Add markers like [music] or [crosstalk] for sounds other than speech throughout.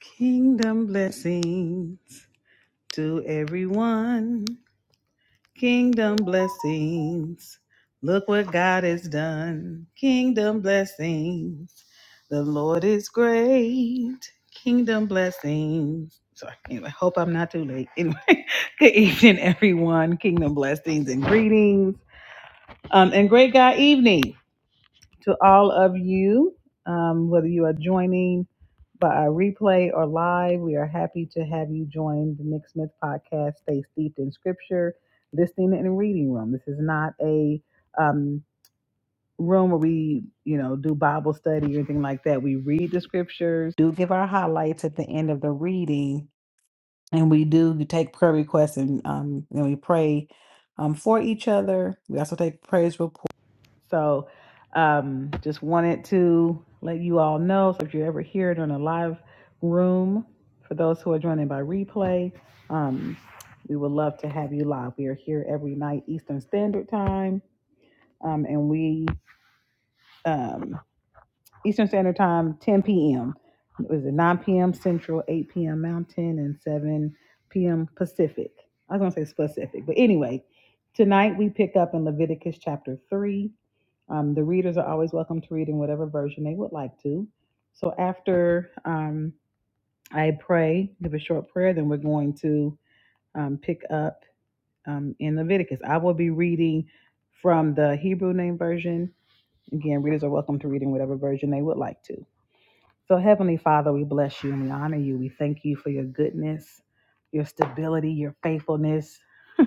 Kingdom blessings to everyone. Kingdom blessings. Look what God has done. Kingdom blessings. The Lord is great. Kingdom blessings. Sorry. Anyway, hope I'm not too late. Anyway, [laughs] good evening, everyone. Kingdom blessings and greetings. Um, and great God evening to all of you, um, whether you are joining by a replay or live, we are happy to have you join the Nick Smith podcast, Stay Steeped in Scripture, Listening and Reading Room. This is not a um, room where we, you know, do Bible study or anything like that. We read the scriptures, do give our highlights at the end of the reading, and we do take prayer requests and, um, and we pray um, for each other. We also take praise reports so um, just wanted to let you all know so if you're ever here during a live room, for those who are joining by replay, um, we would love to have you live. We are here every night, Eastern Standard Time, um, and we um, Eastern Standard Time, 10 p.m. It was it 9 p.m. Central, 8 p.m. Mountain, and 7 p.m. Pacific. I was going to say specific, but anyway, tonight we pick up in Leviticus chapter 3. Um, the readers are always welcome to read in whatever version they would like to. So after um, I pray, give a short prayer, then we're going to um, pick up um, in Leviticus. I will be reading from the Hebrew Name Version. Again, readers are welcome to read in whatever version they would like to. So, Heavenly Father, we bless you and we honor you. We thank you for your goodness, your stability, your faithfulness. [laughs]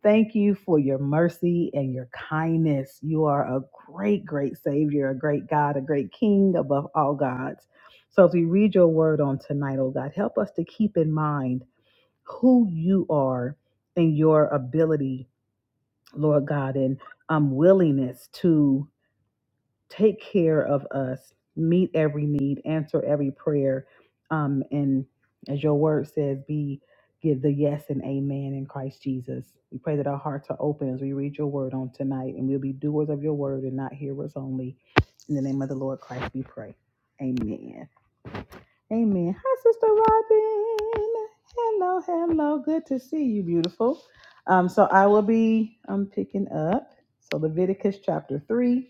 Thank you for your mercy and your kindness. You are a great, great Savior, a great God, a great King above all gods. So, as we read your word on tonight, oh God, help us to keep in mind who you are and your ability, Lord God, and um, willingness to take care of us, meet every need, answer every prayer, um, and as your word says, be give the yes and amen in Christ Jesus. We pray that our hearts are open as we read your word on tonight, and we'll be doers of your word and not hearers only. In the name of the Lord Christ, we pray. Amen. Amen. Hi, Sister Robin. Hello, hello. Good to see you, beautiful. Um, so I will be um picking up. So Leviticus chapter three.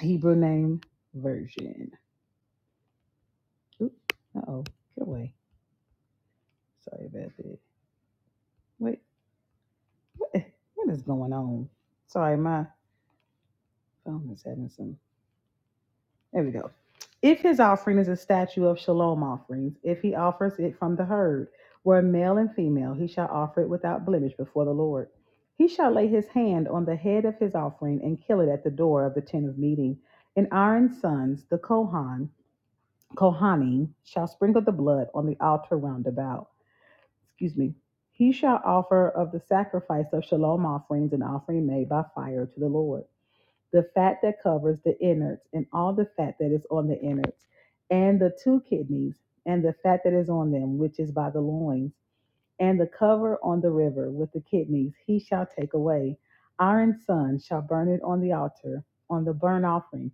Hebrew name version. Uh oh, get away. Sorry about that. Wait, what, what is going on? Sorry, my phone is having some. There we go. If his offering is a statue of shalom offerings, if he offers it from the herd, where male and female, he shall offer it without blemish before the Lord. He shall lay his hand on the head of his offering and kill it at the door of the tent of meeting. And Aaron's sons, the Kohan, Kohanim, shall sprinkle the blood on the altar round about. excuse me, he shall offer of the sacrifice of shalom offerings an offering made by fire to the Lord. The fat that covers the innards, and all the fat that is on the innards, and the two kidneys, and the fat that is on them, which is by the loins, and the cover on the river with the kidneys, he shall take away. Aaron's son shall burn it on the altar, on the burnt offering,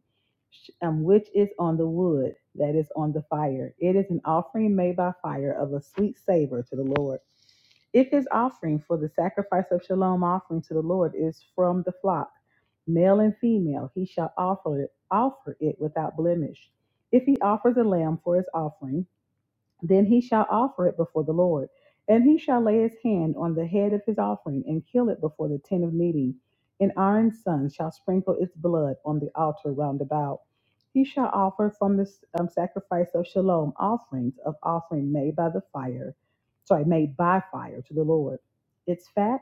um, which is on the wood that is on the fire. It is an offering made by fire of a sweet savor to the Lord. If his offering for the sacrifice of shalom offering to the Lord is from the flock, male and female, he shall offer it, offer it without blemish. If he offers a lamb for his offering, then he shall offer it before the Lord, and he shall lay his hand on the head of his offering and kill it before the tent of meeting. An iron sun shall sprinkle its blood on the altar round about. He shall offer from the um, sacrifice of shalom offerings of offering made by the fire, sorry, made by fire to the Lord. Its fat,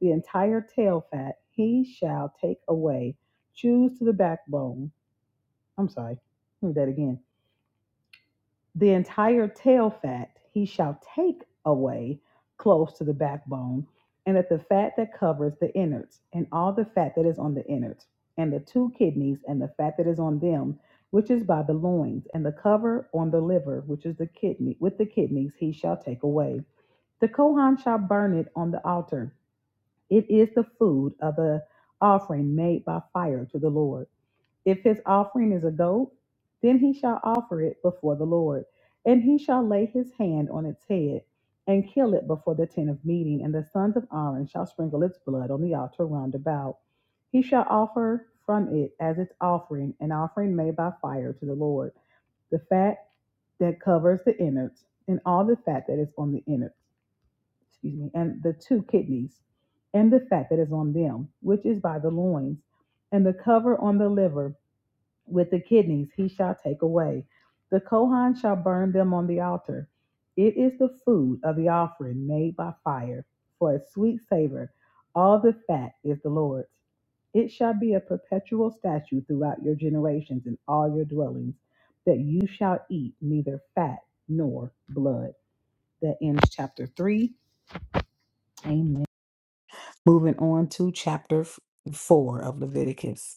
the entire tail fat, he shall take away, choose to the backbone. I'm sorry, let me do that again the entire tail fat he shall take away close to the backbone, and at the fat that covers the innards, and all the fat that is on the innards, and the two kidneys, and the fat that is on them, which is by the loins, and the cover on the liver, which is the kidney, with the kidneys he shall take away. The Kohan shall burn it on the altar. It is the food of the offering made by fire to the Lord. If his offering is a goat, then he shall offer it before the Lord, and he shall lay his hand on its head and kill it before the tent of meeting, and the sons of Aaron shall sprinkle its blood on the altar round about. He shall offer from it as its offering an offering made by fire to the Lord, the fat that covers the innards, and all the fat that is on the innards, excuse me, and the two kidneys, and the fat that is on them, which is by the loins, and the cover on the liver with the kidneys he shall take away. The Kohan shall burn them on the altar. It is the food of the offering made by fire, for a sweet savor. All the fat is the Lord's. It shall be a perpetual statute throughout your generations in all your dwellings, that you shall eat neither fat nor blood. That ends chapter 3. Amen. Moving on to chapter f- 4 of Leviticus.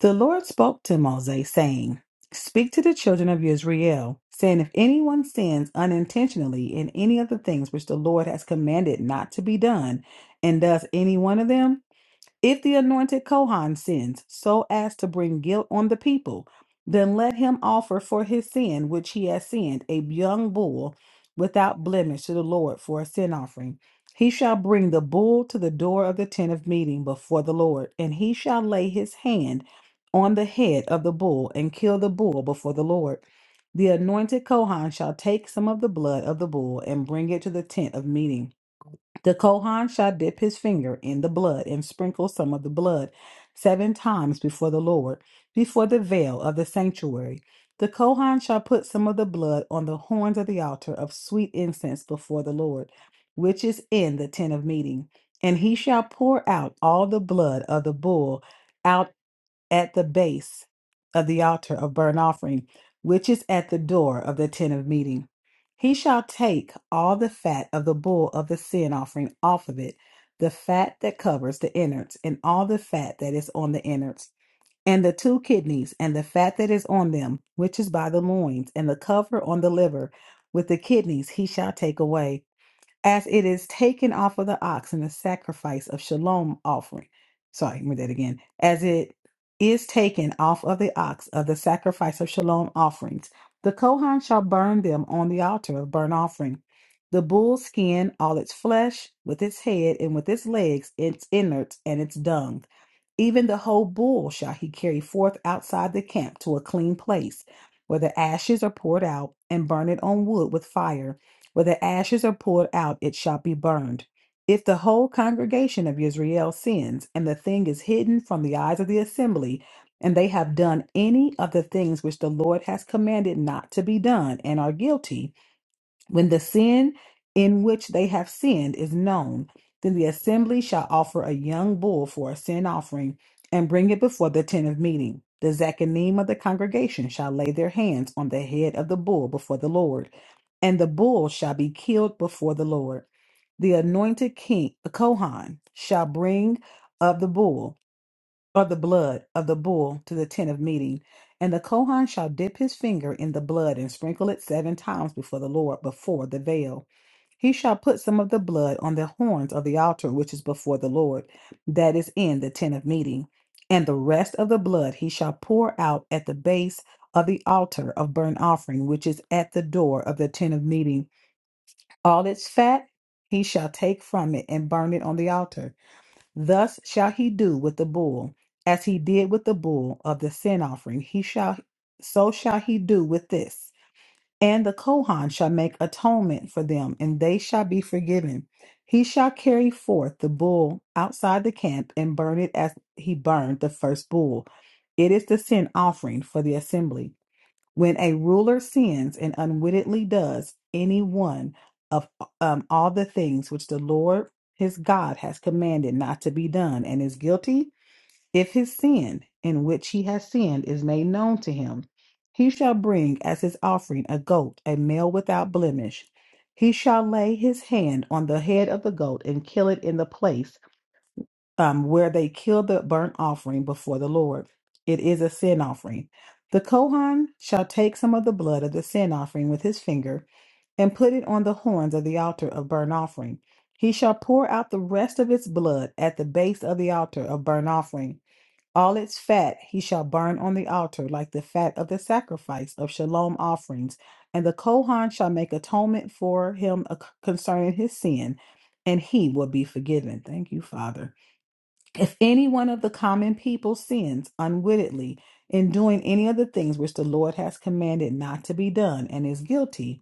The Lord spoke to Moses, saying, Speak to the children of Israel, saying, If anyone sins unintentionally in any of the things which the Lord has commanded not to be done, and does any one of them, if the anointed Kohan sins so as to bring guilt on the people, then let him offer for his sin which he has sinned a young bull without blemish to the Lord for a sin offering. He shall bring the bull to the door of the tent of meeting before the Lord, and he shall lay his hand on the head of the bull and kill the bull before the Lord. The anointed Kohan shall take some of the blood of the bull and bring it to the tent of meeting. The Kohan shall dip his finger in the blood and sprinkle some of the blood seven times before the Lord, before the veil of the sanctuary. The Kohan shall put some of the blood on the horns of the altar of sweet incense before the Lord, which is in the tent of meeting. And he shall pour out all the blood of the bull out at the base of the altar of burnt offering, which is at the door of the tent of meeting. He shall take all the fat of the bull of the sin offering off of it, the fat that covers the innards, and all the fat that is on the innards, and the two kidneys, and the fat that is on them, which is by the loins, and the cover on the liver, with the kidneys he shall take away as it is taken off of the ox in the sacrifice of shalom offering. Sorry, read that again. As it is taken off of the ox of the sacrifice of shalom offerings, the Kohan shall burn them on the altar of burnt offering. The bull's skin, all its flesh, with its head and with its legs, its innards and its dung. Even the whole bull shall he carry forth outside the camp to a clean place, where the ashes are poured out, and burn it on wood with fire. Where the ashes are poured out, it shall be burned. If the whole congregation of Israel sins, and the thing is hidden from the eyes of the assembly, and they have done any of the things which the Lord has commanded not to be done, and are guilty, when the sin in which they have sinned is known, then the assembly shall offer a young bull for a sin offering and bring it before the tent of meeting. The Zachanim of the congregation shall lay their hands on the head of the bull before the Lord, and the bull shall be killed before the Lord. The anointed king, a Kohan, shall bring of the bull or the blood of the bull to the tent of meeting. And the Kohan shall dip his finger in the blood and sprinkle it seven times before the Lord, before the veil. He shall put some of the blood on the horns of the altar which is before the Lord, that is in the tent of meeting. And the rest of the blood he shall pour out at the base of the altar of burnt offering, which is at the door of the tent of meeting. All its fat he shall take from it and burn it on the altar. Thus shall he do with the bull, as he did with the bull of the sin offering. He shall, so shall he do with this. And the Kohan shall make atonement for them, and they shall be forgiven. He shall carry forth the bull outside the camp and burn it as he burned the first bull. It is the sin offering for the assembly. When a ruler sins and unwittingly does any one of um, all the things which the Lord his God has commanded not to be done and is guilty, if his sin in which he has sinned is made known to him, he shall bring as his offering a goat, a male without blemish. He shall lay his hand on the head of the goat and kill it in the place um, where they kill the burnt offering before the Lord. It is a sin offering. The Kohan shall take some of the blood of the sin offering with his finger and put it on the horns of the altar of burnt offering. He shall pour out the rest of its blood at the base of the altar of burnt offering. All its fat he shall burn on the altar, like the fat of the sacrifice of shalom offerings. And the Kohan shall make atonement for him uh, concerning his sin, and he will be forgiven. Thank you, Father. If any one of the common people sins unwittingly in doing any of the things which the Lord has commanded not to be done and is guilty,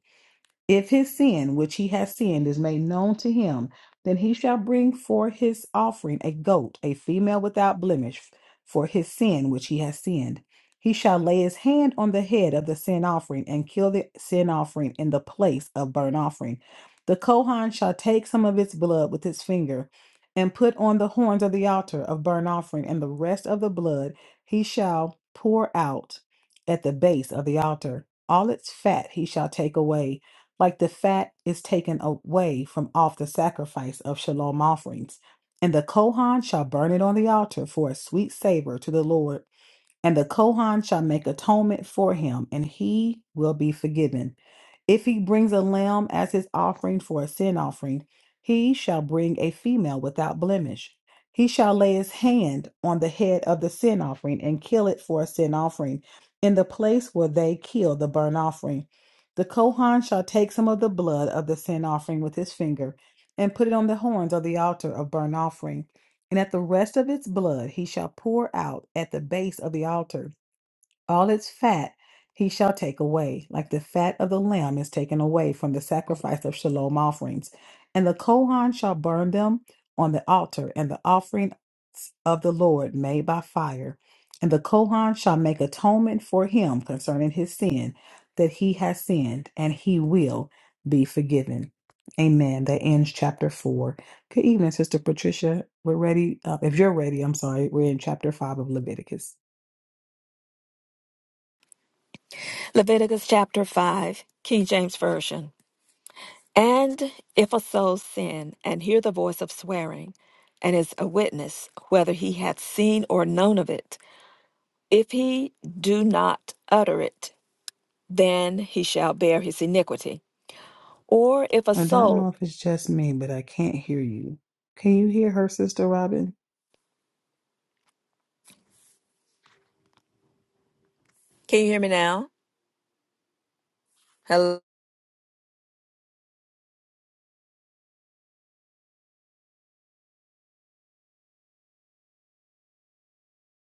if his sin, which he has sinned, is made known to him, then he shall bring for his offering a goat, a female without blemish, for his sin which he has sinned. He shall lay his hand on the head of the sin offering and kill the sin offering in the place of burnt offering. The Kohan shall take some of its blood with his finger and put on the horns of the altar of burnt offering, and the rest of the blood he shall pour out at the base of the altar. All its fat he shall take away like the fat is taken away from off the sacrifice of shalom offerings. And the Kohan shall burn it on the altar for a sweet savor to the Lord. And the Kohan shall make atonement for him, and he will be forgiven. If he brings a lamb as his offering for a sin offering, he shall bring a female without blemish. He shall lay his hand on the head of the sin offering and kill it for a sin offering in the place where they kill the burnt offering. The Kohan shall take some of the blood of the sin offering with his finger and put it on the horns of the altar of burnt offering. And at the rest of its blood he shall pour out at the base of the altar. All its fat he shall take away, like the fat of the lamb is taken away from the sacrifice of shalom offerings. And the Kohan shall burn them on the altar and the offerings of the Lord made by fire. And the Kohan shall make atonement for him concerning his sin that he has sinned, and he will be forgiven. Amen. That ends chapter 4. Good evening, Sister Patricia. We're ready. Uh, if you're ready, I'm sorry. We're in chapter 5 of Leviticus. Leviticus chapter 5, King James Version. And if a soul sin and hear the voice of swearing, and is a witness, whether he hath seen or known of it, if he do not utter it, then he shall bear his iniquity. Or if a I don't know soul. if it's just me, but I can't hear you. Can you hear her, Sister Robin? Can you hear me now? Hello,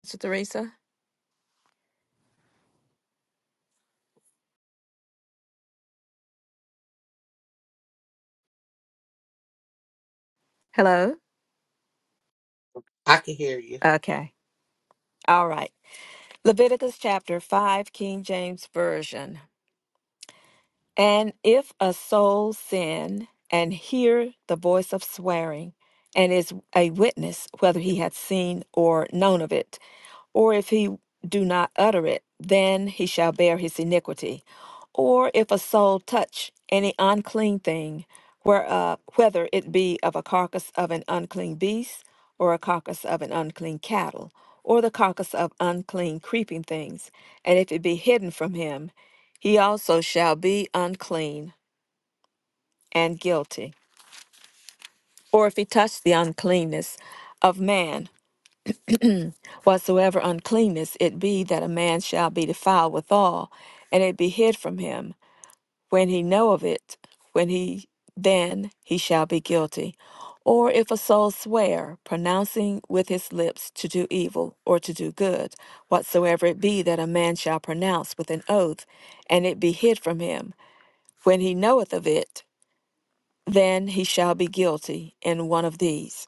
Sister Theresa? Hello? I can hear you. Okay. All right. Leviticus chapter 5, King James Version. And if a soul sin and hear the voice of swearing, and is a witness whether he had seen or known of it, or if he do not utter it, then he shall bear his iniquity. Or if a soul touch any unclean thing, where, uh, whether it be of a carcass of an unclean beast, or a carcass of an unclean cattle, or the carcass of unclean creeping things, and if it be hidden from him, he also shall be unclean and guilty. Or if he touch the uncleanness of man, Whatsoever uncleanness it be that a man shall be defiled withal, and it be hid from him, when he know of it, when he then he shall be guilty. Or if a soul swear, pronouncing with his lips to do evil or to do good, whatsoever it be that a man shall pronounce with an oath, and it be hid from him, when he knoweth of it, then he shall be guilty in one of these.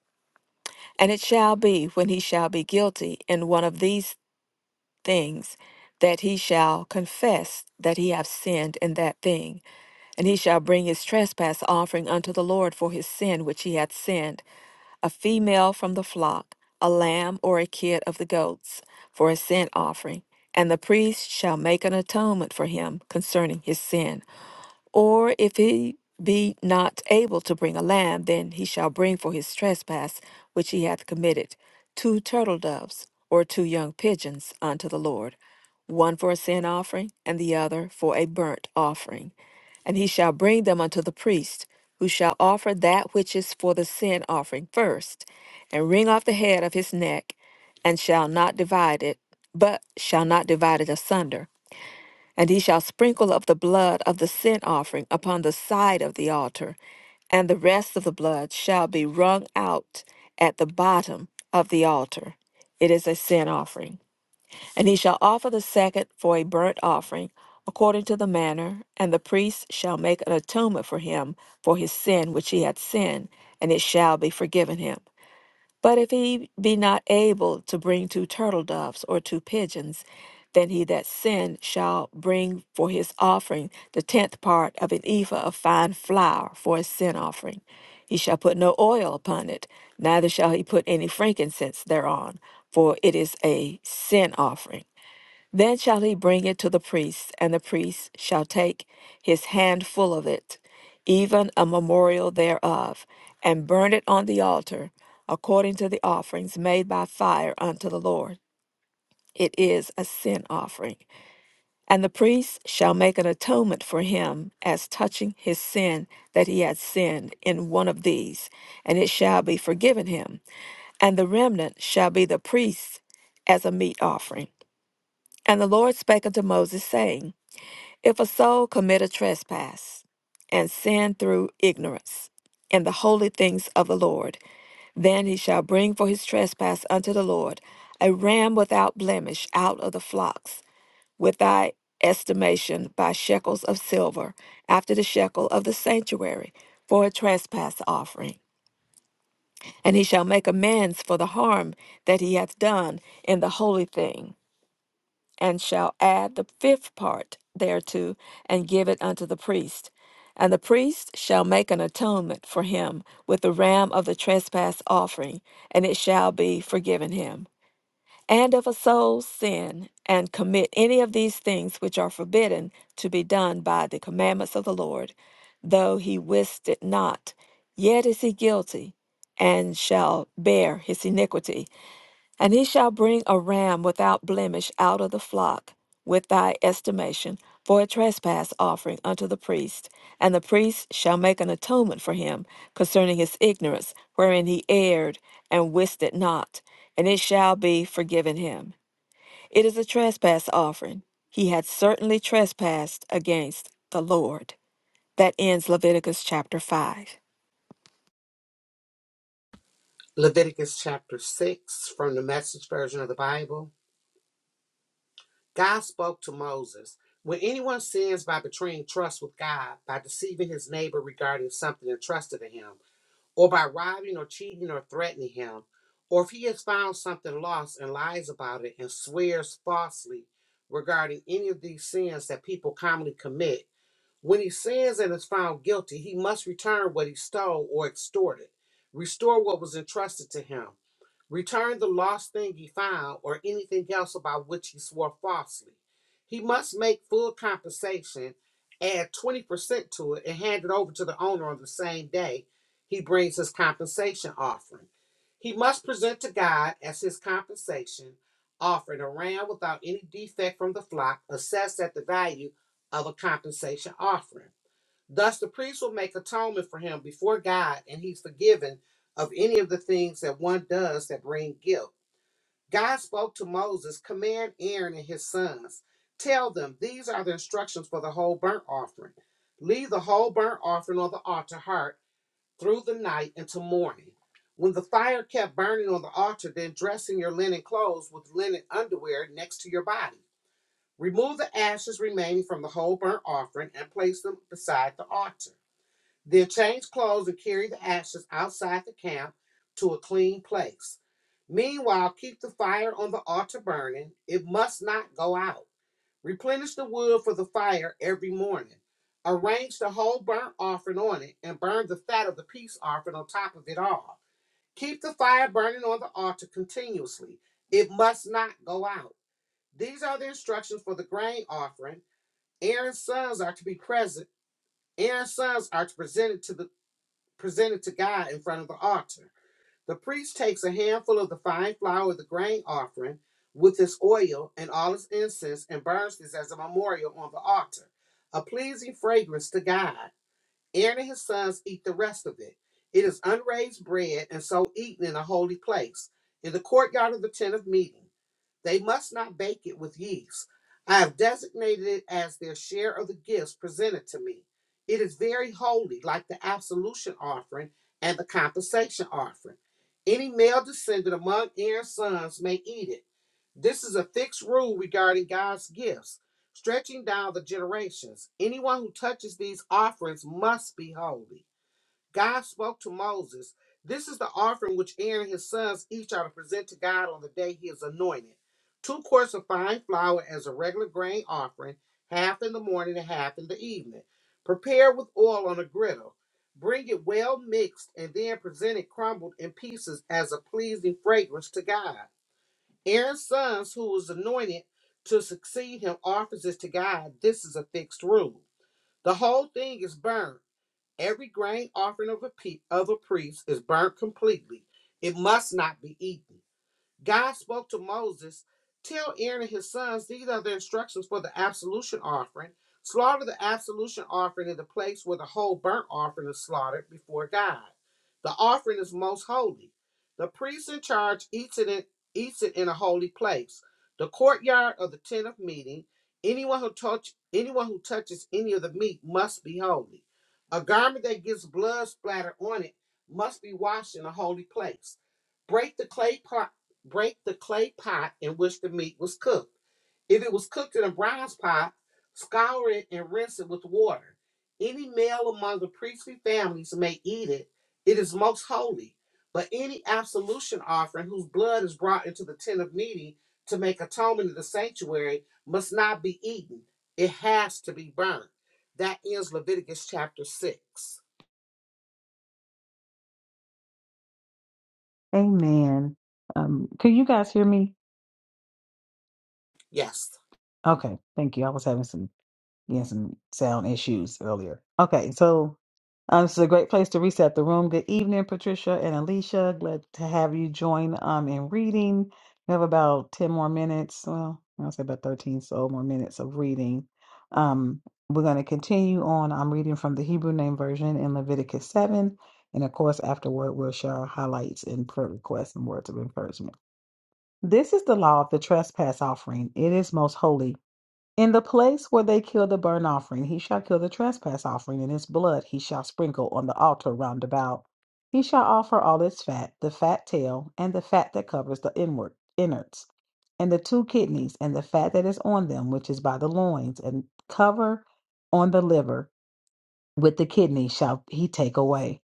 And it shall be, when he shall be guilty in one of these things that he shall confess that he have sinned in that thing and he shall bring his trespass offering unto the lord for his sin which he hath sinned a female from the flock a lamb or a kid of the goats for a sin offering and the priest shall make an atonement for him concerning his sin or if he be not able to bring a lamb, then he shall bring for his trespass which he hath committed two turtle doves or two young pigeons unto the Lord, one for a sin offering, and the other for a burnt offering. And he shall bring them unto the priest, who shall offer that which is for the sin offering first, and wring off the head of his neck, and shall not divide it, but shall not divide it asunder and he shall sprinkle of the blood of the sin offering upon the side of the altar, and the rest of the blood shall be wrung out at the bottom of the altar. It is a sin offering. And he shall offer the second for a burnt offering according to the manner, and the priest shall make an atonement for him for his sin which he hath sinned, and it shall be forgiven him. But if he be not able to bring two turtle doves or two pigeons, then he that sinned shall bring for his offering the tenth part of an ephah of fine flour for a sin offering. He shall put no oil upon it, neither shall he put any frankincense thereon, for it is a sin offering. Then shall he bring it to the priest, and the priest shall take his handful of it, even a memorial thereof, and burn it on the altar, according to the offerings made by fire unto the Lord. It is a sin offering. And the priest shall make an atonement for him as touching his sin that he had sinned in one of these, and it shall be forgiven him. And the remnant shall be the priest as a meat offering. And the Lord spake unto Moses, saying, if a soul commit a trespass and sin through ignorance in the holy things of the Lord, then he shall bring for his trespass unto the Lord a ram without blemish out of the flocks, with thy estimation by shekels of silver, after the shekel of the sanctuary, for a trespass offering. And he shall make amends for the harm that he hath done in the holy thing and shall add the fifth part thereto, and give it unto the priest. And the priest shall make an atonement for him with the ram of the trespass offering, and it shall be forgiven him. And if a soul sin and commit any of these things which are forbidden to be done by the commandments of the Lord, though he wist it not, yet is he guilty, and shall bear his iniquity. And he shall bring a ram without blemish out of the flock, with thy estimation, for a trespass offering unto the priest. And the priest shall make an atonement for him concerning his ignorance, wherein he erred and wist it not, and it shall be forgiven him. It is a trespass offering. He had certainly trespassed against the Lord. That ends Leviticus chapter 5. Leviticus chapter 6 from the message version of the Bible. God spoke to Moses. When anyone sins by betraying trust with God, by deceiving his neighbor regarding something entrusted to him, or by robbing or cheating or threatening him, or if he has found something lost and lies about it and swears falsely regarding any of these sins that people commonly commit, when he sins and is found guilty, he must return what he stole or extorted, restore what was entrusted to him return the lost thing he found, or anything else about which he swore falsely. He must make full compensation, add 20% to it, and hand it over to the owner on the same day he brings his compensation offering. He must present to God as his compensation offering a ram without any defect from the flock, assessed at the value of a compensation offering. Thus, the priest will make atonement for him before God, and he's forgiven of any of the things that one does that bring guilt. God spoke to Moses, Command Aaron and his sons. Tell them, these are the instructions for the whole burnt offering. Leave the whole burnt offering on the altar heart through the night until morning. When the fire kept burning on the altar, then dress in your linen clothes with linen underwear next to your body. Remove the ashes remaining from the whole burnt offering and place them beside the altar. Then change clothes and carry the ashes outside the camp to a clean place. Meanwhile, keep the fire on the altar burning. It must not go out. Replenish the wood for the fire every morning. Arrange the whole burnt offering on it and burn the fat of the peace offering on top of it all. Keep the fire burning on the altar continuously. It must not go out. These are the instructions for the grain offering. Aaron's sons are to be present. Aaron's sons are to present it to the presented to God in front of the altar. The priest takes a handful of the fine flour of the grain offering with its oil and all its incense and burns this as a memorial on the altar, a pleasing fragrance to God. Aaron and his sons eat the rest of it. It is unraised bread and so eaten in a holy place, in the courtyard of the tent of meeting. They must not bake it with yeast. I have designated it as their share of the gifts presented to me. It is very holy, like the absolution offering and the compensation offering. Any male descendant among Aaron's sons may eat it. This is a fixed rule regarding God's gifts, stretching down the generations. Anyone who touches these offerings must be holy. God spoke to Moses, This is the offering which Aaron and his sons each are to present to God on the day he is anointed. Two quarts of fine flour as a regular grain offering, half in the morning and half in the evening. Prepare with oil on a griddle. Bring it well mixed and then present it crumbled in pieces as a pleasing fragrance to God. Aaron's sons, who was anointed to succeed him, offers it to God. This is a fixed rule. The whole thing is burned. Every grain offering of a, pe- of a priest is burnt completely. It must not be eaten. God spoke to Moses, Tell Aaron and his sons, these are the instructions for the absolution offering. Slaughter the absolution offering in the place where the whole burnt offering is slaughtered before God. The offering is most holy. The priest in charge eats it in, eats it in a holy place, the courtyard of the tent of meeting. Anyone who touch anyone who touches any of the meat must be holy. A garment that gets blood splattered on it must be washed in a holy place. Break the clay pot, break the clay pot in which the meat was cooked. If it was cooked in a bronze pot, scour it and rinse it with water. Any male among the priestly families may eat it. It is most holy. But any absolution offering whose blood is brought into the tent of meeting to make atonement in the sanctuary must not be eaten. It has to be burned. That ends Leviticus chapter 6. Amen. Um, can you guys hear me? Yes. Okay, thank you. I was having some We had some sound issues earlier. Okay, so uh, this is a great place to reset the room. Good evening, Patricia and Alicia. Glad to have you join um, in reading. We have about 10 more minutes. Well, I'll say about 13 so more minutes of reading. Um, we're going to continue on. I'm reading from the Hebrew Name Version in Leviticus 7. And of course, afterward, we'll share our highlights and prayer requests and words of encouragement. This is the law of the trespass offering. It is most holy. In the place where they kill the burnt offering, he shall kill the trespass offering, and his blood he shall sprinkle on the altar round about. He shall offer all its fat, the fat tail, and the fat that covers the inward innards, and the two kidneys, and the fat that is on them, which is by the loins, and cover on the liver with the kidney shall he take away.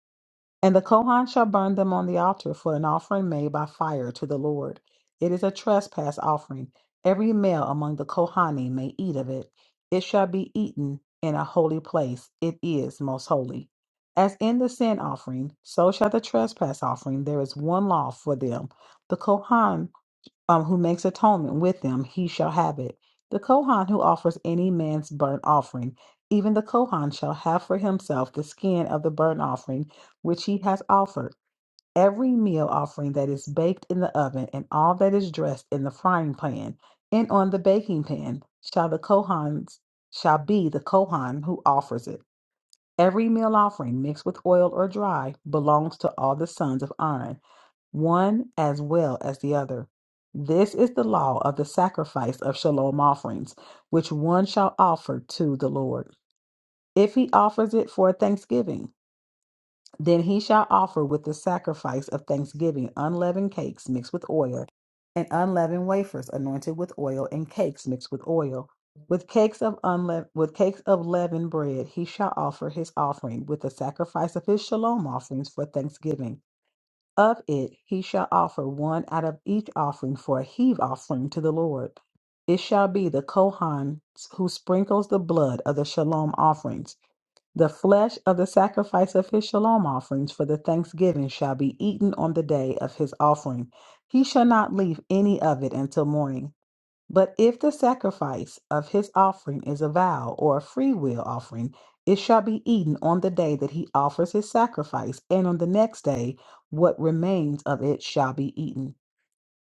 And the Kohan shall burn them on the altar for an offering made by fire to the Lord. It is a trespass offering. Every male among the Kohanim may eat of it. It shall be eaten in a holy place. It is most holy. As in the sin offering, so shall the trespass offering. There is one law for them. The Kohan um, who makes atonement with them, he shall have it. The Kohan who offers any man's burnt offering, even the Kohan shall have for himself the skin of the burnt offering which he has offered. Every meal offering that is baked in the oven and all that is dressed in the frying pan and on the baking pan shall the Kohan's shall be the Kohan who offers it. Every meal offering mixed with oil or dry belongs to all the sons of Aaron one as well as the other. This is the law of the sacrifice of shalom offerings, which one shall offer to the Lord. If he offers it for a thanksgiving, then he shall offer with the sacrifice of thanksgiving unleavened cakes mixed with oil, and unleavened wafers anointed with oil, and cakes mixed with oil. With cakes of unleavened, with cakes of leavened bread, he shall offer his offering with the sacrifice of his shalom offerings for thanksgiving of it he shall offer one out of each offering for a heave offering to the Lord. It shall be the Kohan who sprinkles the blood of the shalom offerings. The flesh of the sacrifice of his shalom offerings for the thanksgiving shall be eaten on the day of his offering. He shall not leave any of it until morning. But if the sacrifice of his offering is a vow or a freewill offering, it shall be eaten on the day that he offers his sacrifice, and on the next day what remains of it shall be eaten.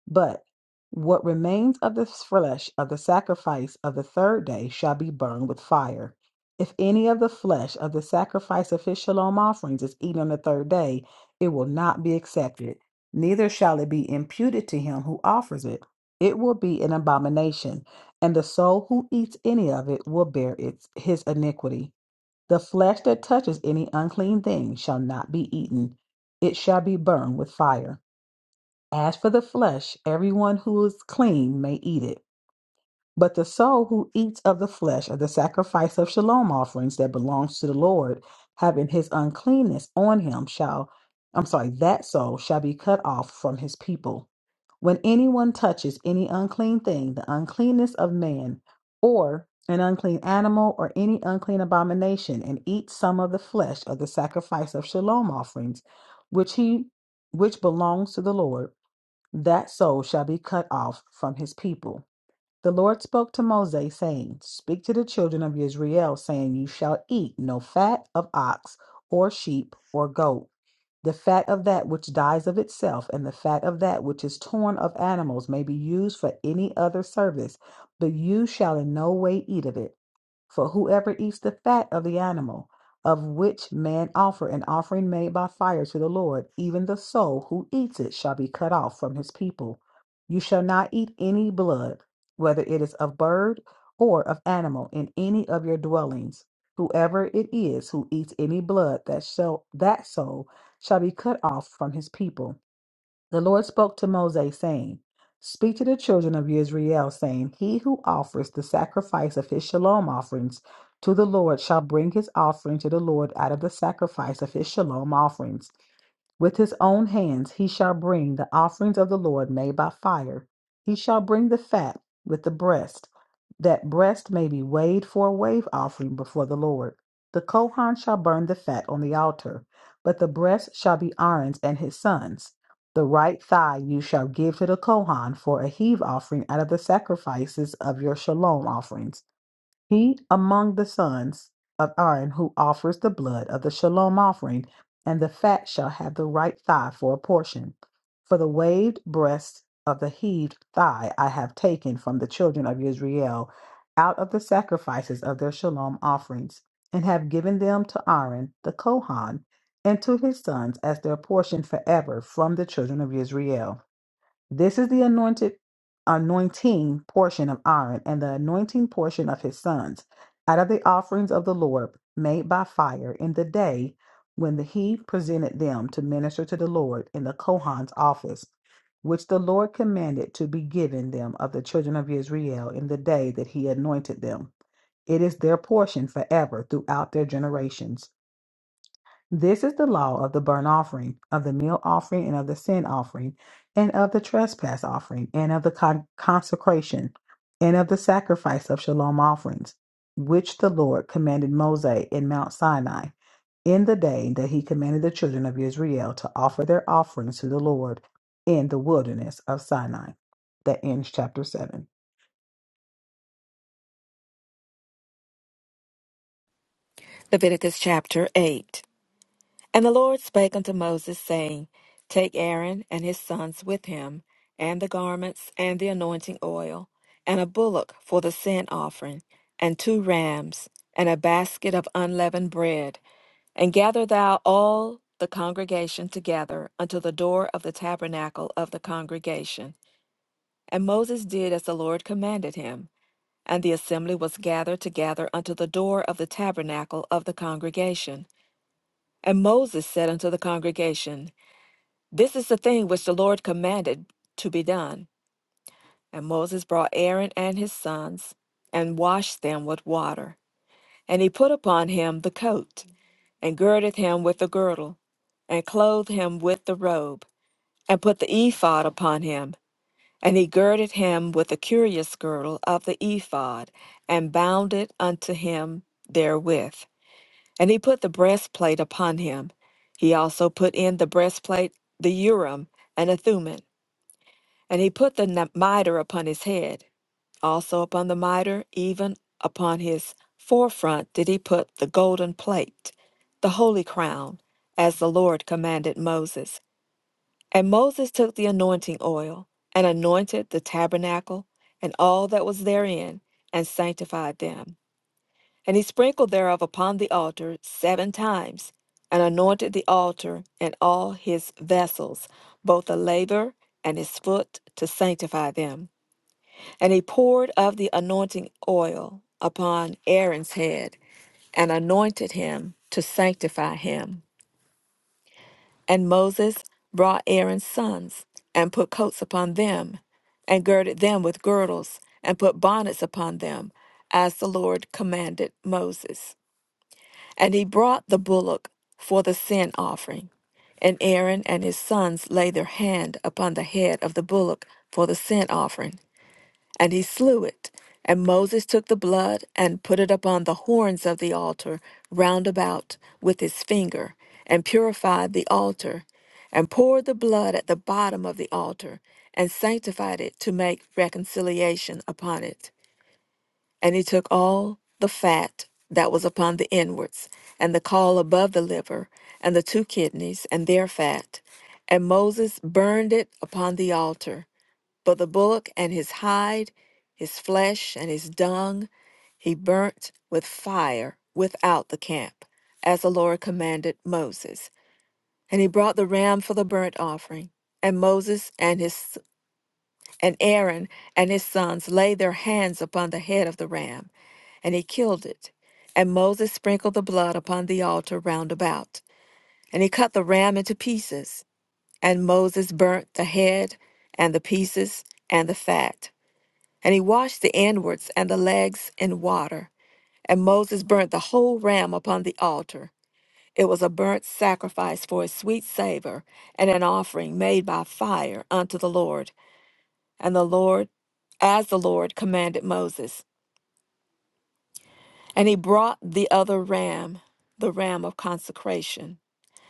But what remains of the flesh of the sacrifice of the third day shall be burned with fire. If any of the flesh of the sacrifice of his shalom offerings is eaten on the third day, it will not be accepted, neither shall it be imputed to him who offers it. It will be an abomination, and the soul who eats any of it will bear its his iniquity. The flesh that touches any unclean thing shall not be eaten, it shall be burned with fire. As for the flesh, everyone who is clean may eat it. But the soul who eats of the flesh of the sacrifice of shalom offerings that belongs to the Lord, having his uncleanness on him, shall, I'm sorry, that soul shall be cut off from his people. When anyone touches any unclean thing, the uncleanness of man, or an unclean animal, or any unclean abomination, and eats some of the flesh of the sacrifice of shalom offerings, which he which belongs to the Lord, that soul shall be cut off from his people. The Lord spoke to Moses, saying, Speak to the children of Israel, saying, You shall eat no fat of ox or sheep or goat the fat of that which dies of itself, and the fat of that which is torn of animals, may be used for any other service, but you shall in no way eat of it. For whoever eats the fat of the animal, of which man offer an offering made by fire to the Lord, even the soul who eats it shall be cut off from his people. You shall not eat any blood, whether it is of bird or of animal, in any of your dwellings. Whoever it is who eats any blood, that shall that soul shall be cut off from his people. The Lord spoke to Moses, saying, Speak to the children of Israel, saying, He who offers the sacrifice of his shalom offerings to the Lord shall bring his offering to the Lord out of the sacrifice of his shalom offerings. With his own hands he shall bring the offerings of the Lord made by fire. He shall bring the fat with the breast, that breast may be weighed for a wave offering before the Lord. The Kohan shall burn the fat on the altar, but the breast shall be Aaron's and his sons. The right thigh you shall give to the Kohan for a heave offering out of the sacrifices of your shalom offerings. He among the sons of Aaron who offers the blood of the shalom offering, and the fat shall have the right thigh for a portion. For the waved breast of the heaved thigh I have taken from the children of Israel out of the sacrifices of their shalom offerings, and have given them to Aaron the Kohan and to his sons as their portion forever from the children of Israel. This is the anointed anointing portion of Aaron and the anointing portion of his sons out of the offerings of the Lord made by fire in the day when the, he presented them to minister to the Lord in the Kohan's office, which the Lord commanded to be given them of the children of Israel in the day that he anointed them. It is their portion forever throughout their generations. This is the law of the burnt offering, of the meal offering, and of the sin offering, and of the trespass offering, and of the con- consecration, and of the sacrifice of shalom offerings, which the Lord commanded Moses in Mount Sinai, in the day that he commanded the children of Israel to offer their offerings to the Lord in the wilderness of Sinai. That ends chapter 7. Leviticus chapter 8. And the Lord spake unto Moses, saying, Take Aaron and his sons with him, and the garments, and the anointing oil, and a bullock for the sin offering, and two rams, and a basket of unleavened bread. And gather thou all the congregation together unto the door of the tabernacle of the congregation. And Moses did as the Lord commanded him. And the assembly was gathered together unto the door of the tabernacle of the congregation. And Moses said unto the congregation, This is the thing which the Lord commanded to be done. And Moses brought Aaron and his sons, and washed them with water. And he put upon him the coat, and girded him with the girdle, and clothed him with the robe, and put the ephod upon him. And he girded him with the curious girdle of the ephod, and bound it unto him therewith. And he put the breastplate upon him. He also put in the breastplate the Urim and the Thummim. And he put the n- mitre upon his head. Also upon the mitre, even upon his forefront, did he put the golden plate, the holy crown, as the Lord commanded Moses. And Moses took the anointing oil, and anointed the tabernacle, and all that was therein, and sanctified them. And he sprinkled thereof upon the altar seven times, and anointed the altar and all his vessels, both the laver and his foot, to sanctify them. And he poured of the anointing oil upon Aaron's head, and anointed him to sanctify him. And Moses brought Aaron's sons, and put coats upon them, and girded them with girdles, and put bonnets upon them, as the Lord commanded Moses. And he brought the bullock for the sin offering. And Aaron and his sons laid their hand upon the head of the bullock for the sin offering. And he slew it. And Moses took the blood and put it upon the horns of the altar round about with his finger, and purified the altar, and poured the blood at the bottom of the altar, and sanctified it to make reconciliation upon it. And he took all the fat that was upon the inwards, and the caul above the liver, and the two kidneys, and their fat. And Moses burned it upon the altar. But the bullock and his hide, his flesh, and his dung, he burnt with fire without the camp, as the Lord commanded Moses. And he brought the ram for the burnt offering. And Moses and his and Aaron and his sons laid their hands upon the head of the ram, and he killed it. And Moses sprinkled the blood upon the altar round about. And he cut the ram into pieces. And Moses burnt the head, and the pieces, and the fat. And he washed the inwards and the legs in water. And Moses burnt the whole ram upon the altar. It was a burnt sacrifice for a sweet savor, and an offering made by fire unto the Lord and the Lord, as the Lord commanded Moses. And he brought the other ram, the ram of consecration.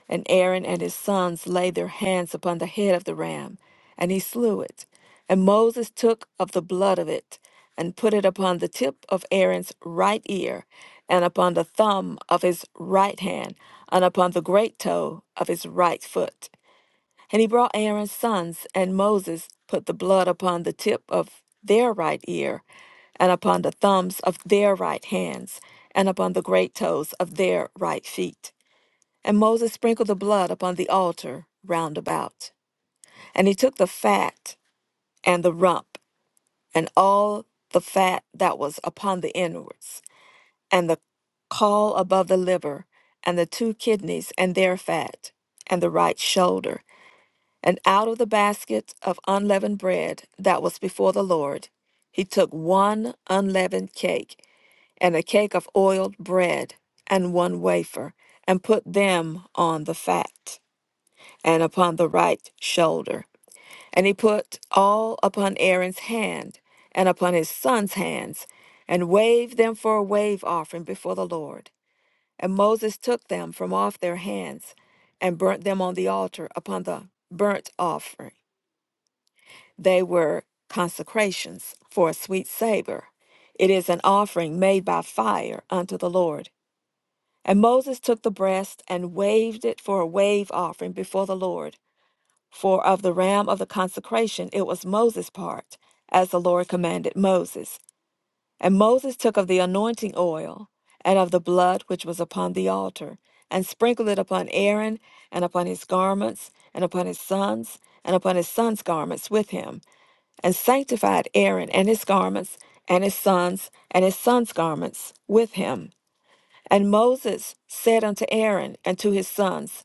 And Aaron and his sons laid their hands upon the head of the ram, and he slew it. And Moses took of the blood of it, and put it upon the tip of Aaron's right ear, and upon the thumb of his right hand, and upon the great toe of his right foot. And he brought Aaron's sons, and Moses put the blood upon the tip of their right ear, and upon the thumbs of their right hands, and upon the great toes of their right feet. And Moses sprinkled the blood upon the altar round about. And he took the fat and the rump, and all the fat that was upon the inwards, and the caul above the liver, and the two kidneys and their fat, and the right shoulder and out of the basket of unleavened bread that was before the Lord, he took one unleavened cake and a cake of oiled bread and one wafer, and put them on the fat and upon the right shoulder. And he put all upon Aaron's hand and upon his son's hands, and waved them for a wave offering before the Lord. And Moses took them from off their hands and burnt them on the altar upon the burnt offering. They were consecrations for a sweet savor. It is an offering made by fire unto the Lord. And Moses took the breast and waved it for a wave offering before the Lord. For of the ram of the consecration it was Moses' part, as the Lord commanded Moses. And Moses took of the anointing oil and of the blood which was upon the altar, and sprinkled it upon Aaron, and upon his garments, and upon his sons, and upon his sons' garments with him and sanctified Aaron and his garments, and his sons, and his sons' garments with him. And Moses said unto Aaron and to his sons,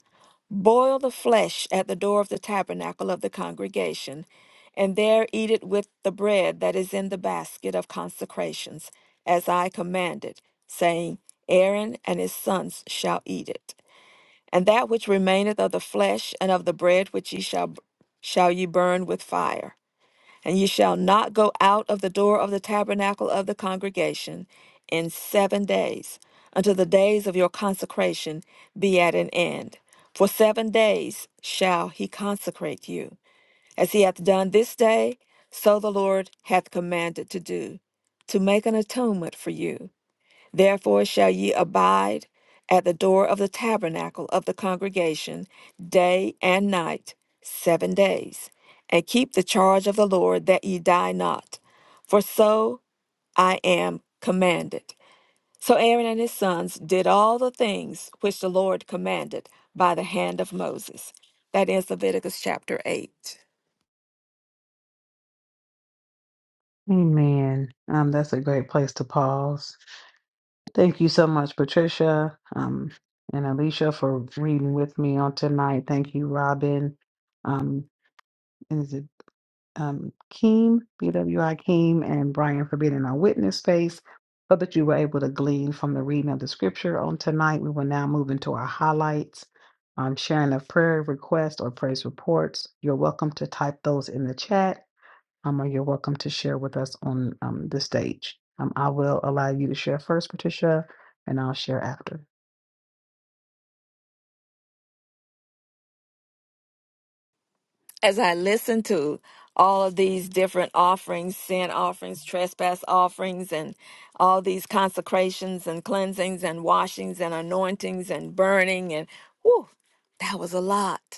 Boil the flesh at the door of the tabernacle of the congregation, and there eat it with the bread that is in the basket of consecrations, as I commanded, saying, Aaron and his sons shall eat it. And that which remaineth of the flesh and of the bread which ye shall shall ye burn with fire and ye shall not go out of the door of the tabernacle of the congregation in seven days, until the days of your consecration be at an end. For seven days shall he consecrate you. As he hath done this day, so the Lord hath commanded to do, to make an atonement for you Therefore shall ye abide at the door of the tabernacle of the congregation day and night, seven days, and keep the charge of the Lord that ye die not. For so I am commanded. So Aaron and his sons did all the things which the Lord commanded by the hand of Moses. That is Leviticus chapter 8. Amen. Um, that's a great place to pause. Thank you so much, Patricia um, and Alicia, for reading with me on tonight. Thank you, Robin. Um, is it um, Keem, BWI Keem, and Brian for being in our witness space? Hope that you were able to glean from the reading of the scripture on tonight. We will now move into our highlights, um, sharing of prayer requests or praise reports. You're welcome to type those in the chat. Um, or you're welcome to share with us on um, the stage. Um, I will allow you to share first, Patricia, and I'll share after. as I listened to all of these different offerings, sin offerings, trespass offerings, and all these consecrations and cleansings and washings and anointings and burning and whew, that was a lot.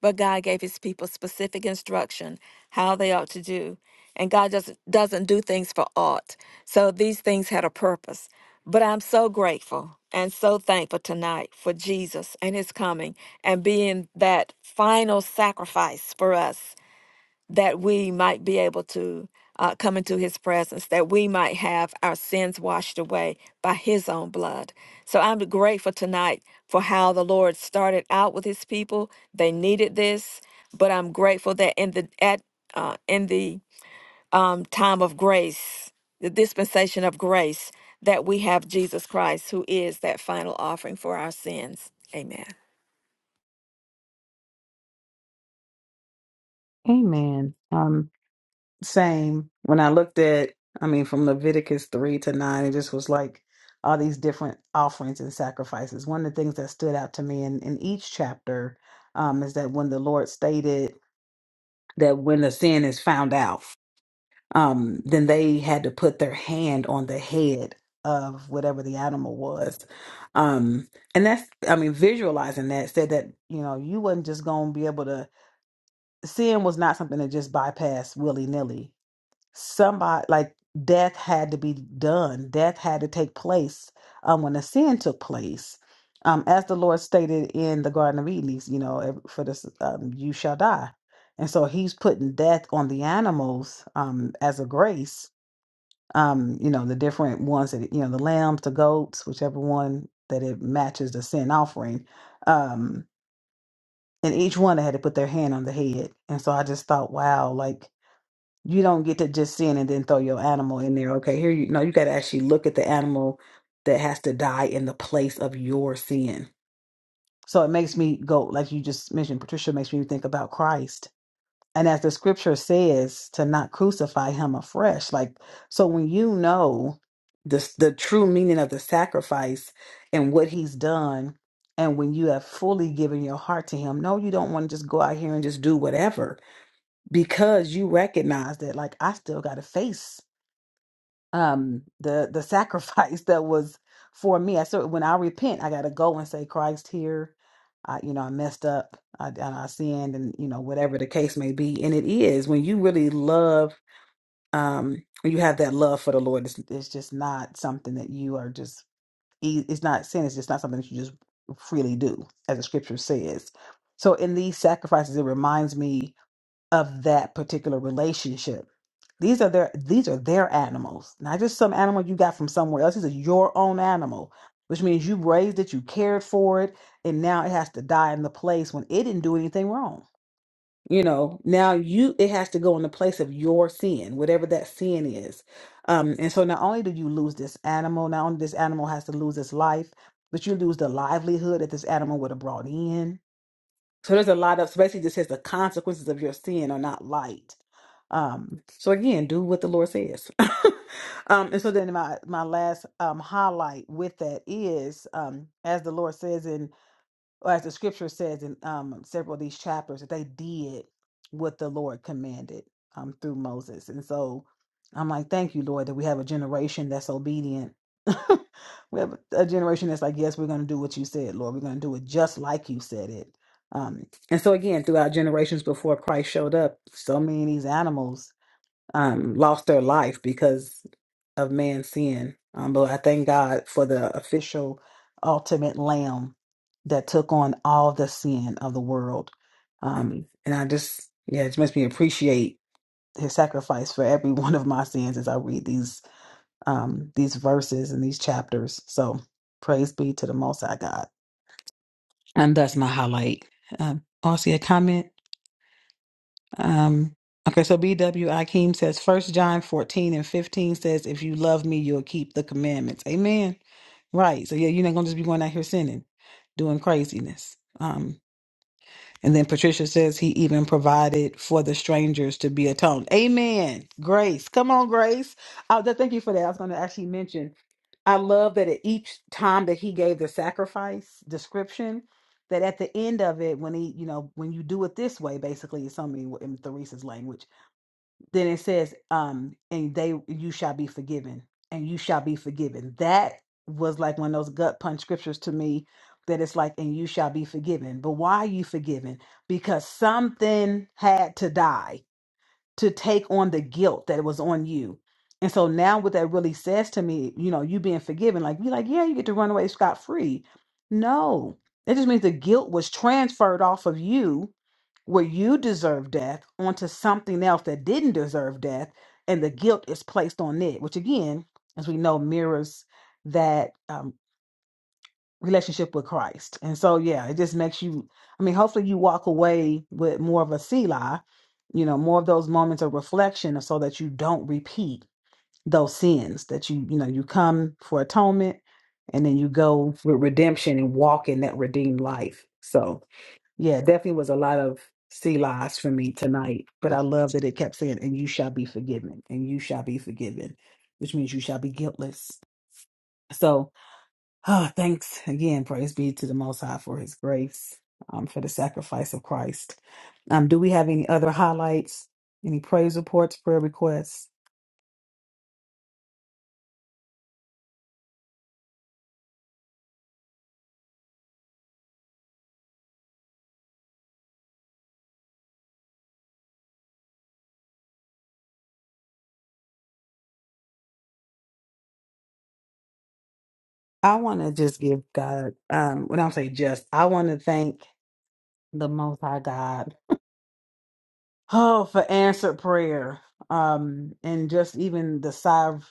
But God gave his people specific instruction how they ought to do. And God just doesn't do things for aught. So these things had a purpose. But I'm so grateful and so thankful tonight for Jesus and his coming and being that final sacrifice for us that we might be able to uh, come into his presence, that we might have our sins washed away by his own blood. So I'm grateful tonight for how the Lord started out with his people. They needed this, but I'm grateful that in the at uh, in the um, time of grace, the dispensation of grace, that we have Jesus Christ, who is that final offering for our sins. Amen. Amen. Um, same. When I looked at, I mean, from Leviticus 3 to 9, it just was like all these different offerings and sacrifices. One of the things that stood out to me in, in each chapter um, is that when the Lord stated that when the sin is found out, um, then they had to put their hand on the head of whatever the animal was. Um, and that's, I mean, visualizing that said that, you know, you wasn't just going to be able to, sin was not something that just bypassed willy nilly. Somebody, like, death had to be done, death had to take place um, when the sin took place. Um, as the Lord stated in the Garden of Eden, he's, you know, ev- for this, um, you shall die. And so he's putting death on the animals um, as a grace um, you know, the different ones that, you know, the lambs, the goats, whichever one that it matches the sin offering. Um, and each one they had to put their hand on the head. And so I just thought, wow, like you don't get to just sin and then throw your animal in there. Okay, here you no, you gotta actually look at the animal that has to die in the place of your sin. So it makes me go, like you just mentioned, Patricia, makes me think about Christ and as the scripture says to not crucify him afresh like so when you know the the true meaning of the sacrifice and what he's done and when you have fully given your heart to him no you don't want to just go out here and just do whatever because you recognize that like I still got to face um the the sacrifice [laughs] that was for me i so when i repent i got to go and say christ here i you know i messed up i and i sinned and you know whatever the case may be and it is when you really love um when you have that love for the lord it's, it's just not something that you are just e- it's not sin it's just not something that you just freely do as the scripture says so in these sacrifices it reminds me of that particular relationship. These are their these are their animals, not just some animal you got from somewhere else. This is your own animal, which means you raised it, you cared for it, and now it has to die in the place when it didn't do anything wrong. You know, now you it has to go in the place of your sin, whatever that sin is. Um, and so not only do you lose this animal, not only this animal has to lose its life, but you lose the livelihood that this animal would have brought in so there's a lot of so basically it just says the consequences of your sin are not light. Um, so again, do what the Lord says. [laughs] um, and so then my my last um highlight with that is um as the Lord says in or as the scripture says in um, several of these chapters, that they did what the Lord commanded um, through Moses. And so I'm like, thank you, Lord, that we have a generation that's obedient. [laughs] we have a generation that's like, yes, we're going to do what you said, Lord. We're going to do it just like you said it. Um, and so, again, throughout generations before Christ showed up, so many of these animals um, lost their life because of man's sin. Um, but I thank God for the official, ultimate Lamb that took on all the sin of the world. Um, and I just, yeah, it just makes me appreciate His sacrifice for every [laughs] one of my sins as I read these um, these verses and these chapters. So praise be to the Most High God. And that's my highlight. Um, Aussie, a comment. Um, okay, so B.W. Akeem says, First John 14 and 15 says, If you love me, you'll keep the commandments. Amen. Right. So, yeah, you're not going to just be going out here sinning, doing craziness. Um, and then Patricia says, He even provided for the strangers to be atoned. Amen. Grace. Come on, Grace. Uh, th- thank you for that. I was going to actually mention, I love that at each time that he gave the sacrifice description, that at the end of it, when he, you know, when you do it this way, basically, it's something in Theresa's language then it says um and they you shall be forgiven and you shall be forgiven that was like one of those gut punch scriptures to me that it's like and you shall be forgiven but why are you forgiven because something had to die to take on the guilt that was on you and so now what that really says to me you know you being forgiven like you like yeah you get to run away scot-free no it just means the guilt was transferred off of you where you deserve death onto something else that didn't deserve death and the guilt is placed on it which again as we know mirrors that um, relationship with christ and so yeah it just makes you i mean hopefully you walk away with more of a selah you know more of those moments of reflection so that you don't repeat those sins that you you know you come for atonement and then you go with redemption and walk in that redeemed life so yeah, definitely was a lot of sea lies for me tonight, but I love that it kept saying, and you shall be forgiven, and you shall be forgiven, which means you shall be guiltless. So, ah, thanks again. Praise be to the Most High for his grace, um, for the sacrifice of Christ. Um, do we have any other highlights, any praise reports, prayer requests? I want to just give God, um, when I say just, I want to thank the Most High God Oh, for answered prayer. Um, and just even the sigh of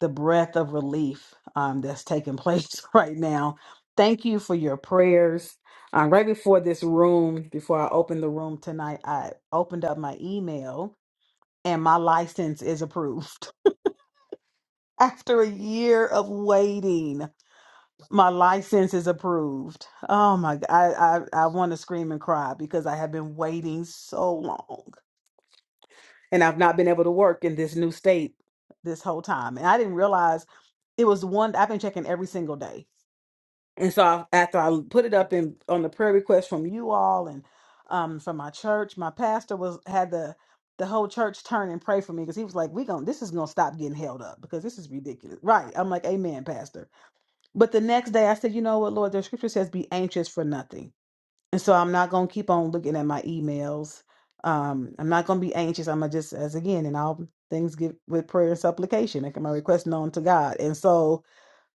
the breath of relief um, that's taking place [laughs] right now. Thank you for your prayers. Um, right before this room, before I opened the room tonight, I opened up my email and my license is approved. [laughs] After a year of waiting, my license is approved. Oh my God, I, I, I want to scream and cry because I have been waiting so long. and I've not been able to work in this new state this whole time. And I didn't realize it was one I've been checking every single day. And so I, after I put it up in on the prayer request from you all and um, from my church, my pastor was had the the whole church turn and pray for me because he was like, "We going this is gonna stop getting held up because this is ridiculous." Right? I'm like, "Amen, pastor." But the next day, I said, "You know what, Lord? The scripture says, be anxious for nothing." And so I'm not going to keep on looking at my emails. Um, I'm not going to be anxious. I'm going to just, as again, and all things give with prayer and supplication, making my request known to God. And so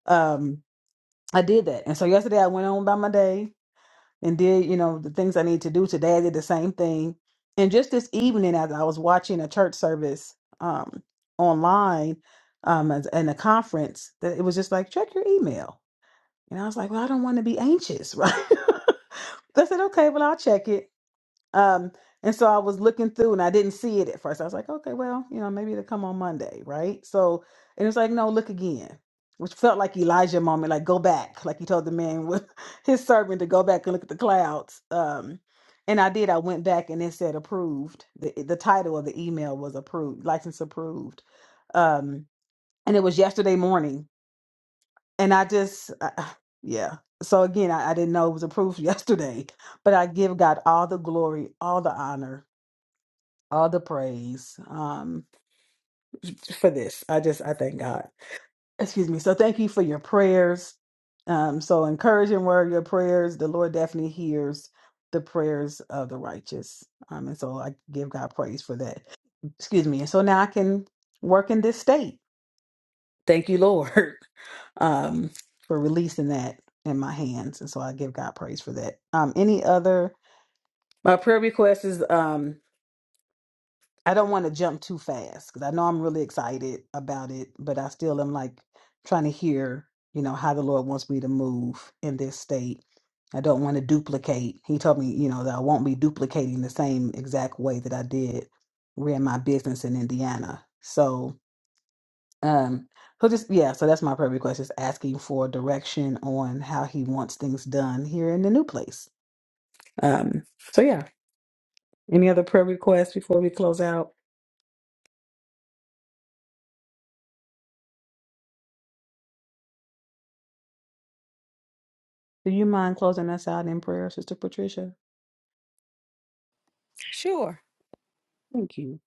um, I did that. And so yesterday I went on by my day and did, you know, the things I need to do. Today I did the same thing. And just this evening, as I was watching a church service um, online um, as- and a conference, that it was just like, check your email. And I was like, well, I don't want to be anxious, [laughs] right? [laughs] I said, okay, well, I'll check it. Um, and so I was looking through and I didn't see it at first. I was like, okay, well, you know, maybe it'll come on Monday, right? So, and it was like, no, look again, which felt like Elijah moment, like go back, like he told the man with [laughs] his servant to go back and look at the clouds. Um, and I did. I went back and it said approved. The the title of the email was approved, license approved. Um, and it was yesterday morning. And I just, uh, yeah. So again, I, I didn't know it was approved [laughs] yesterday, but I give God all the glory, all the honor all the praise um, for this. I just, I thank God. Excuse me. So thank you for your prayers. Um, so encouraging word, your prayers. The Lord definitely hears the prayers of the righteous. Um, and so I give God praise for that. Excuse me. And so now I can work in this state. Thank you, Lord, [laughs] um, for releasing that in my hands. And so I give God praise for that. Um, any other, my prayer request is um, I don't want to jump too fast because I know I'm really excited about it, but I still am like trying to hear, you know, how the Lord wants me to move in this state. I don't want to duplicate. He told me, you know, that I won't be duplicating the same exact way that I did ran my business in Indiana. So, um, he'll just yeah. So that's my prayer request: is asking for direction on how he wants things done here in the new place. Um, so yeah. Any other prayer requests before we close out? Do you mind closing us out in prayer, Sister Patricia? Sure. Thank you.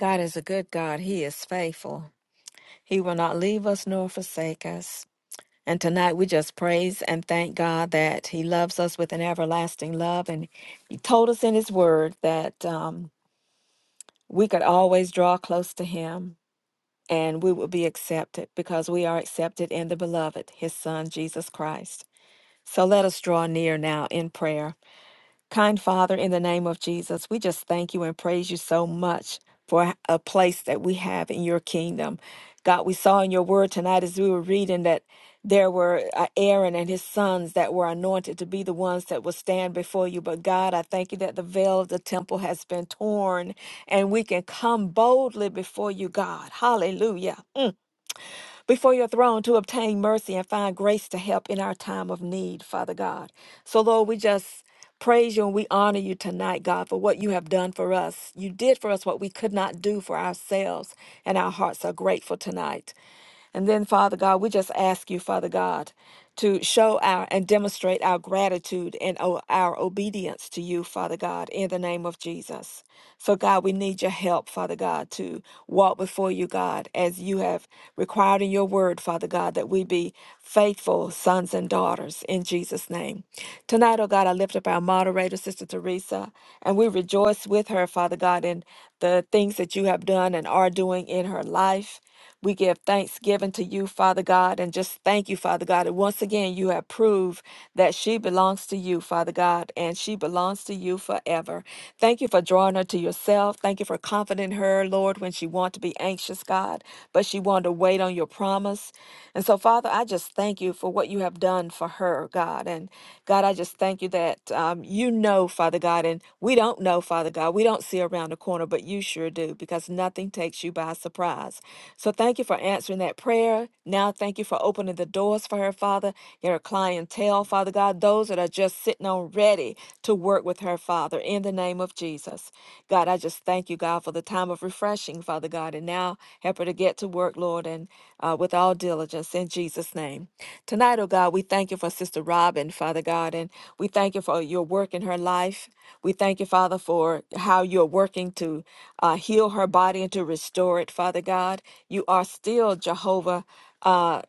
God is a good God. He is faithful. He will not leave us nor forsake us. And tonight we just praise and thank God that He loves us with an everlasting love. And He told us in His Word that um, we could always draw close to Him and we would be accepted because we are accepted in the Beloved, His Son, Jesus Christ. So let us draw near now in prayer. Kind Father, in the name of Jesus, we just thank you and praise you so much for a place that we have in your kingdom. God, we saw in your word tonight as we were reading that there were uh, Aaron and his sons that were anointed to be the ones that will stand before you. But God, I thank you that the veil of the temple has been torn and we can come boldly before you, God. Hallelujah. Mm before your throne to obtain mercy and find grace to help in our time of need, Father God. So, Lord, we just praise you and we honor you tonight, God, for what you have done for us. You did for us what we could not do for ourselves, and our hearts are grateful tonight. And then, Father God, we just ask you, Father God, to show our and demonstrate our gratitude and o- our obedience to you, Father God, in the name of Jesus. So, God, we need your help, Father God, to walk before you, God, as you have required in your word, Father God, that we be faithful sons and daughters in Jesus' name. Tonight, oh God, I lift up our moderator, Sister Teresa, and we rejoice with her, Father God, in the things that you have done and are doing in her life. We give thanksgiving to you, Father God, and just thank you, Father God. And once again, you have proved that she belongs to you, Father God, and she belongs to you forever. Thank you for drawing her to yourself. Thank you for comforting her, Lord, when she wanted to be anxious, God, but she wanted to wait on your promise. And so, Father, I just thank you for what you have done for her, God. and done. God, I just thank you that um, you know, Father God, and we don't know, Father God. We don't see around the corner, but you sure do because nothing takes you by surprise. So thank you for answering that prayer. Now, thank you for opening the doors for her, Father, and her clientele, Father God, those that are just sitting on ready to work with her, Father, in the name of Jesus. God, I just thank thank you, God, for the time of refreshing, Father God. And now help her to get to work, Lord, and uh, with all diligence in Jesus' name. Tonight, oh God, we thank you for Sister Robin, Father God, and we thank you for your work in her life. We thank you, Father, for how you're working to uh, heal her body and to restore it, Father God. You are still Jehovah. Uh,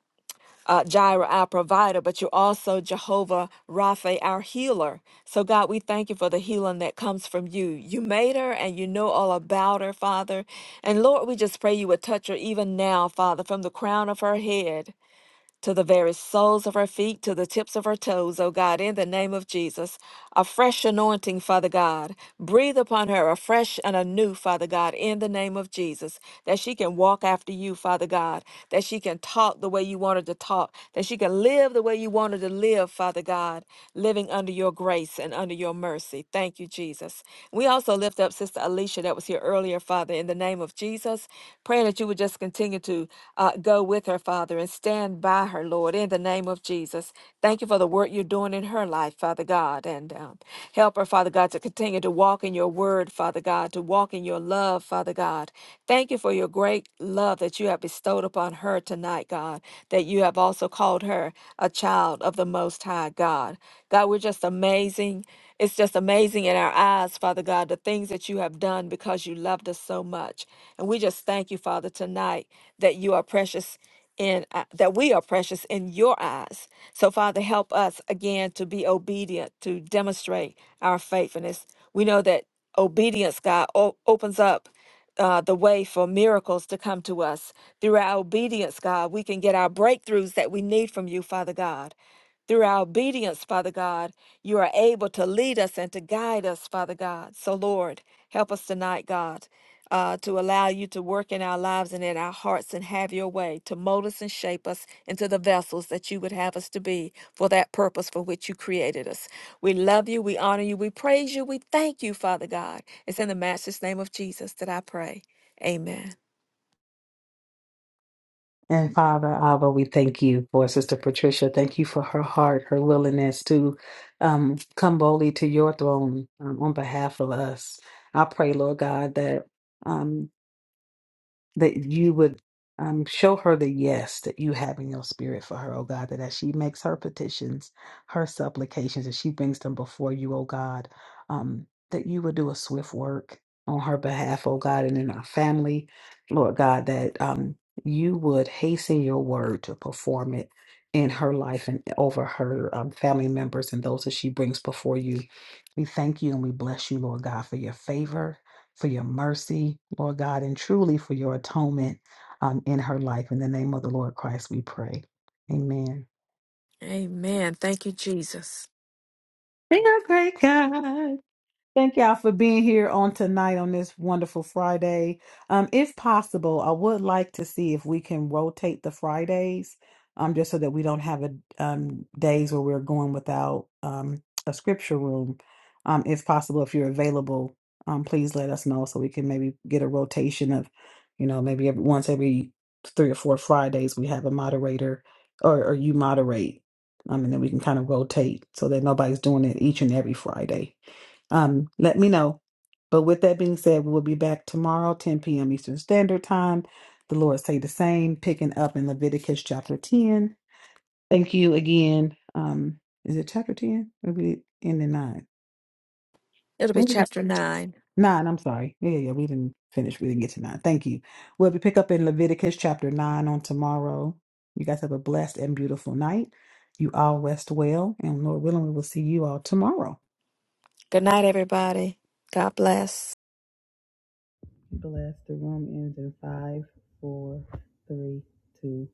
uh, Jireh, our provider, but you're also Jehovah Rapha, our healer. So, God, we thank you for the healing that comes from you. You made her and you know all about her, Father. And Lord, we just pray you would touch her even now, Father, from the crown of her head to the very soles of her feet, to the tips of her toes, oh God, in the name of Jesus. A fresh anointing, Father God. Breathe upon her a fresh and a new, Father God, in the name of Jesus, that she can walk after you, Father God, that she can talk the way you want her to talk, that she can live the way you want her to live, Father God, living under your grace and under your mercy. Thank you, Jesus. We also lift up Sister Alicia that was here earlier, Father, in the name of Jesus, praying that you would just continue to to uh, go with her, Father, and stand by her, Lord, in the name of Jesus. Thank you for the work you're doing in her life, Father God, and um, help her, Father God, to continue to walk in your word, Father God, to walk in your love, Father God. Thank you for your great love that you have bestowed upon her tonight, God, that you have also called her a child of the Most High God. God, we're just amazing. It's just amazing in our eyes, Father God, the things that you have done because you loved us so much. And we just thank you, Father, tonight that you are precious in uh, that we are precious in your eyes. So Father, help us again to be obedient to demonstrate our faithfulness. We know that obedience, God, o- opens up uh, the way for miracles to come to us. Through our obedience, God, we can get our breakthroughs that we need from you, Father God through our obedience, Father God. You are able to lead us and to guide us, Father God. So, Lord, help us tonight, God, uh, to allow you to work in our lives and in our hearts and have your way, to mold us and shape us into the vessels that you would have us to be for that purpose for which you created us. We love you, we honor you, we praise you, we thank you, Father God. It's in the matchless name of Jesus that I pray. Amen. And Father Abba, we thank you for Sister Patricia. Thank you for her heart, her willingness to um, come boldly to your throne um, on behalf of us. I pray, Lord God, that. um, that you would um, show her the yes that you have in your spirit for her, oh God, that as she makes her petitions, her supplications, as she brings them before you, oh God, um, that you would do a swift work on her behalf, oh God, and in our family, Lord God, that um, you would hasten your word to perform it in her life and over her um, family members and those that she brings before you. We thank you and we bless you, Lord God, for your favor for your mercy, Lord God, and truly for your atonement um, in her life. In the name of the Lord Christ, we pray. Amen. Amen. Thank you, Jesus. Think I pray, God. Thank y'all for being here on tonight on this wonderful Friday. Um, if possible, I would like to see if we can rotate the Fridays, um, just so that we don't have a um days where we're going without um a scripture room. Um, if possible, if you're available, um, please let us know so we can maybe get a rotation of, you know, maybe every once every three or four Fridays we have a moderator or or you moderate, um, and then we can kind of rotate so that nobody's doing it each and every Friday um, let me know. But with that being said, we will be back tomorrow, 10 p.m. Eastern Standard Time. The Lord say the same, picking up in Leviticus chapter 10. Thank you again. Um, is it chapter 10? Or we end in nine. It'll be When did we- chapter 9. Nine, I'm sorry. Yeah, yeah, yeah, we didn't finish. We didn't get to nine. Thank you. We'll be pick up in Leviticus chapter nine on tomorrow. You guys have a blessed and beautiful night. You all rest well, and Lord willing, we will see you all tomorrow. Good night, everybody. God bless. Bless. The room ends in five, four, three, two,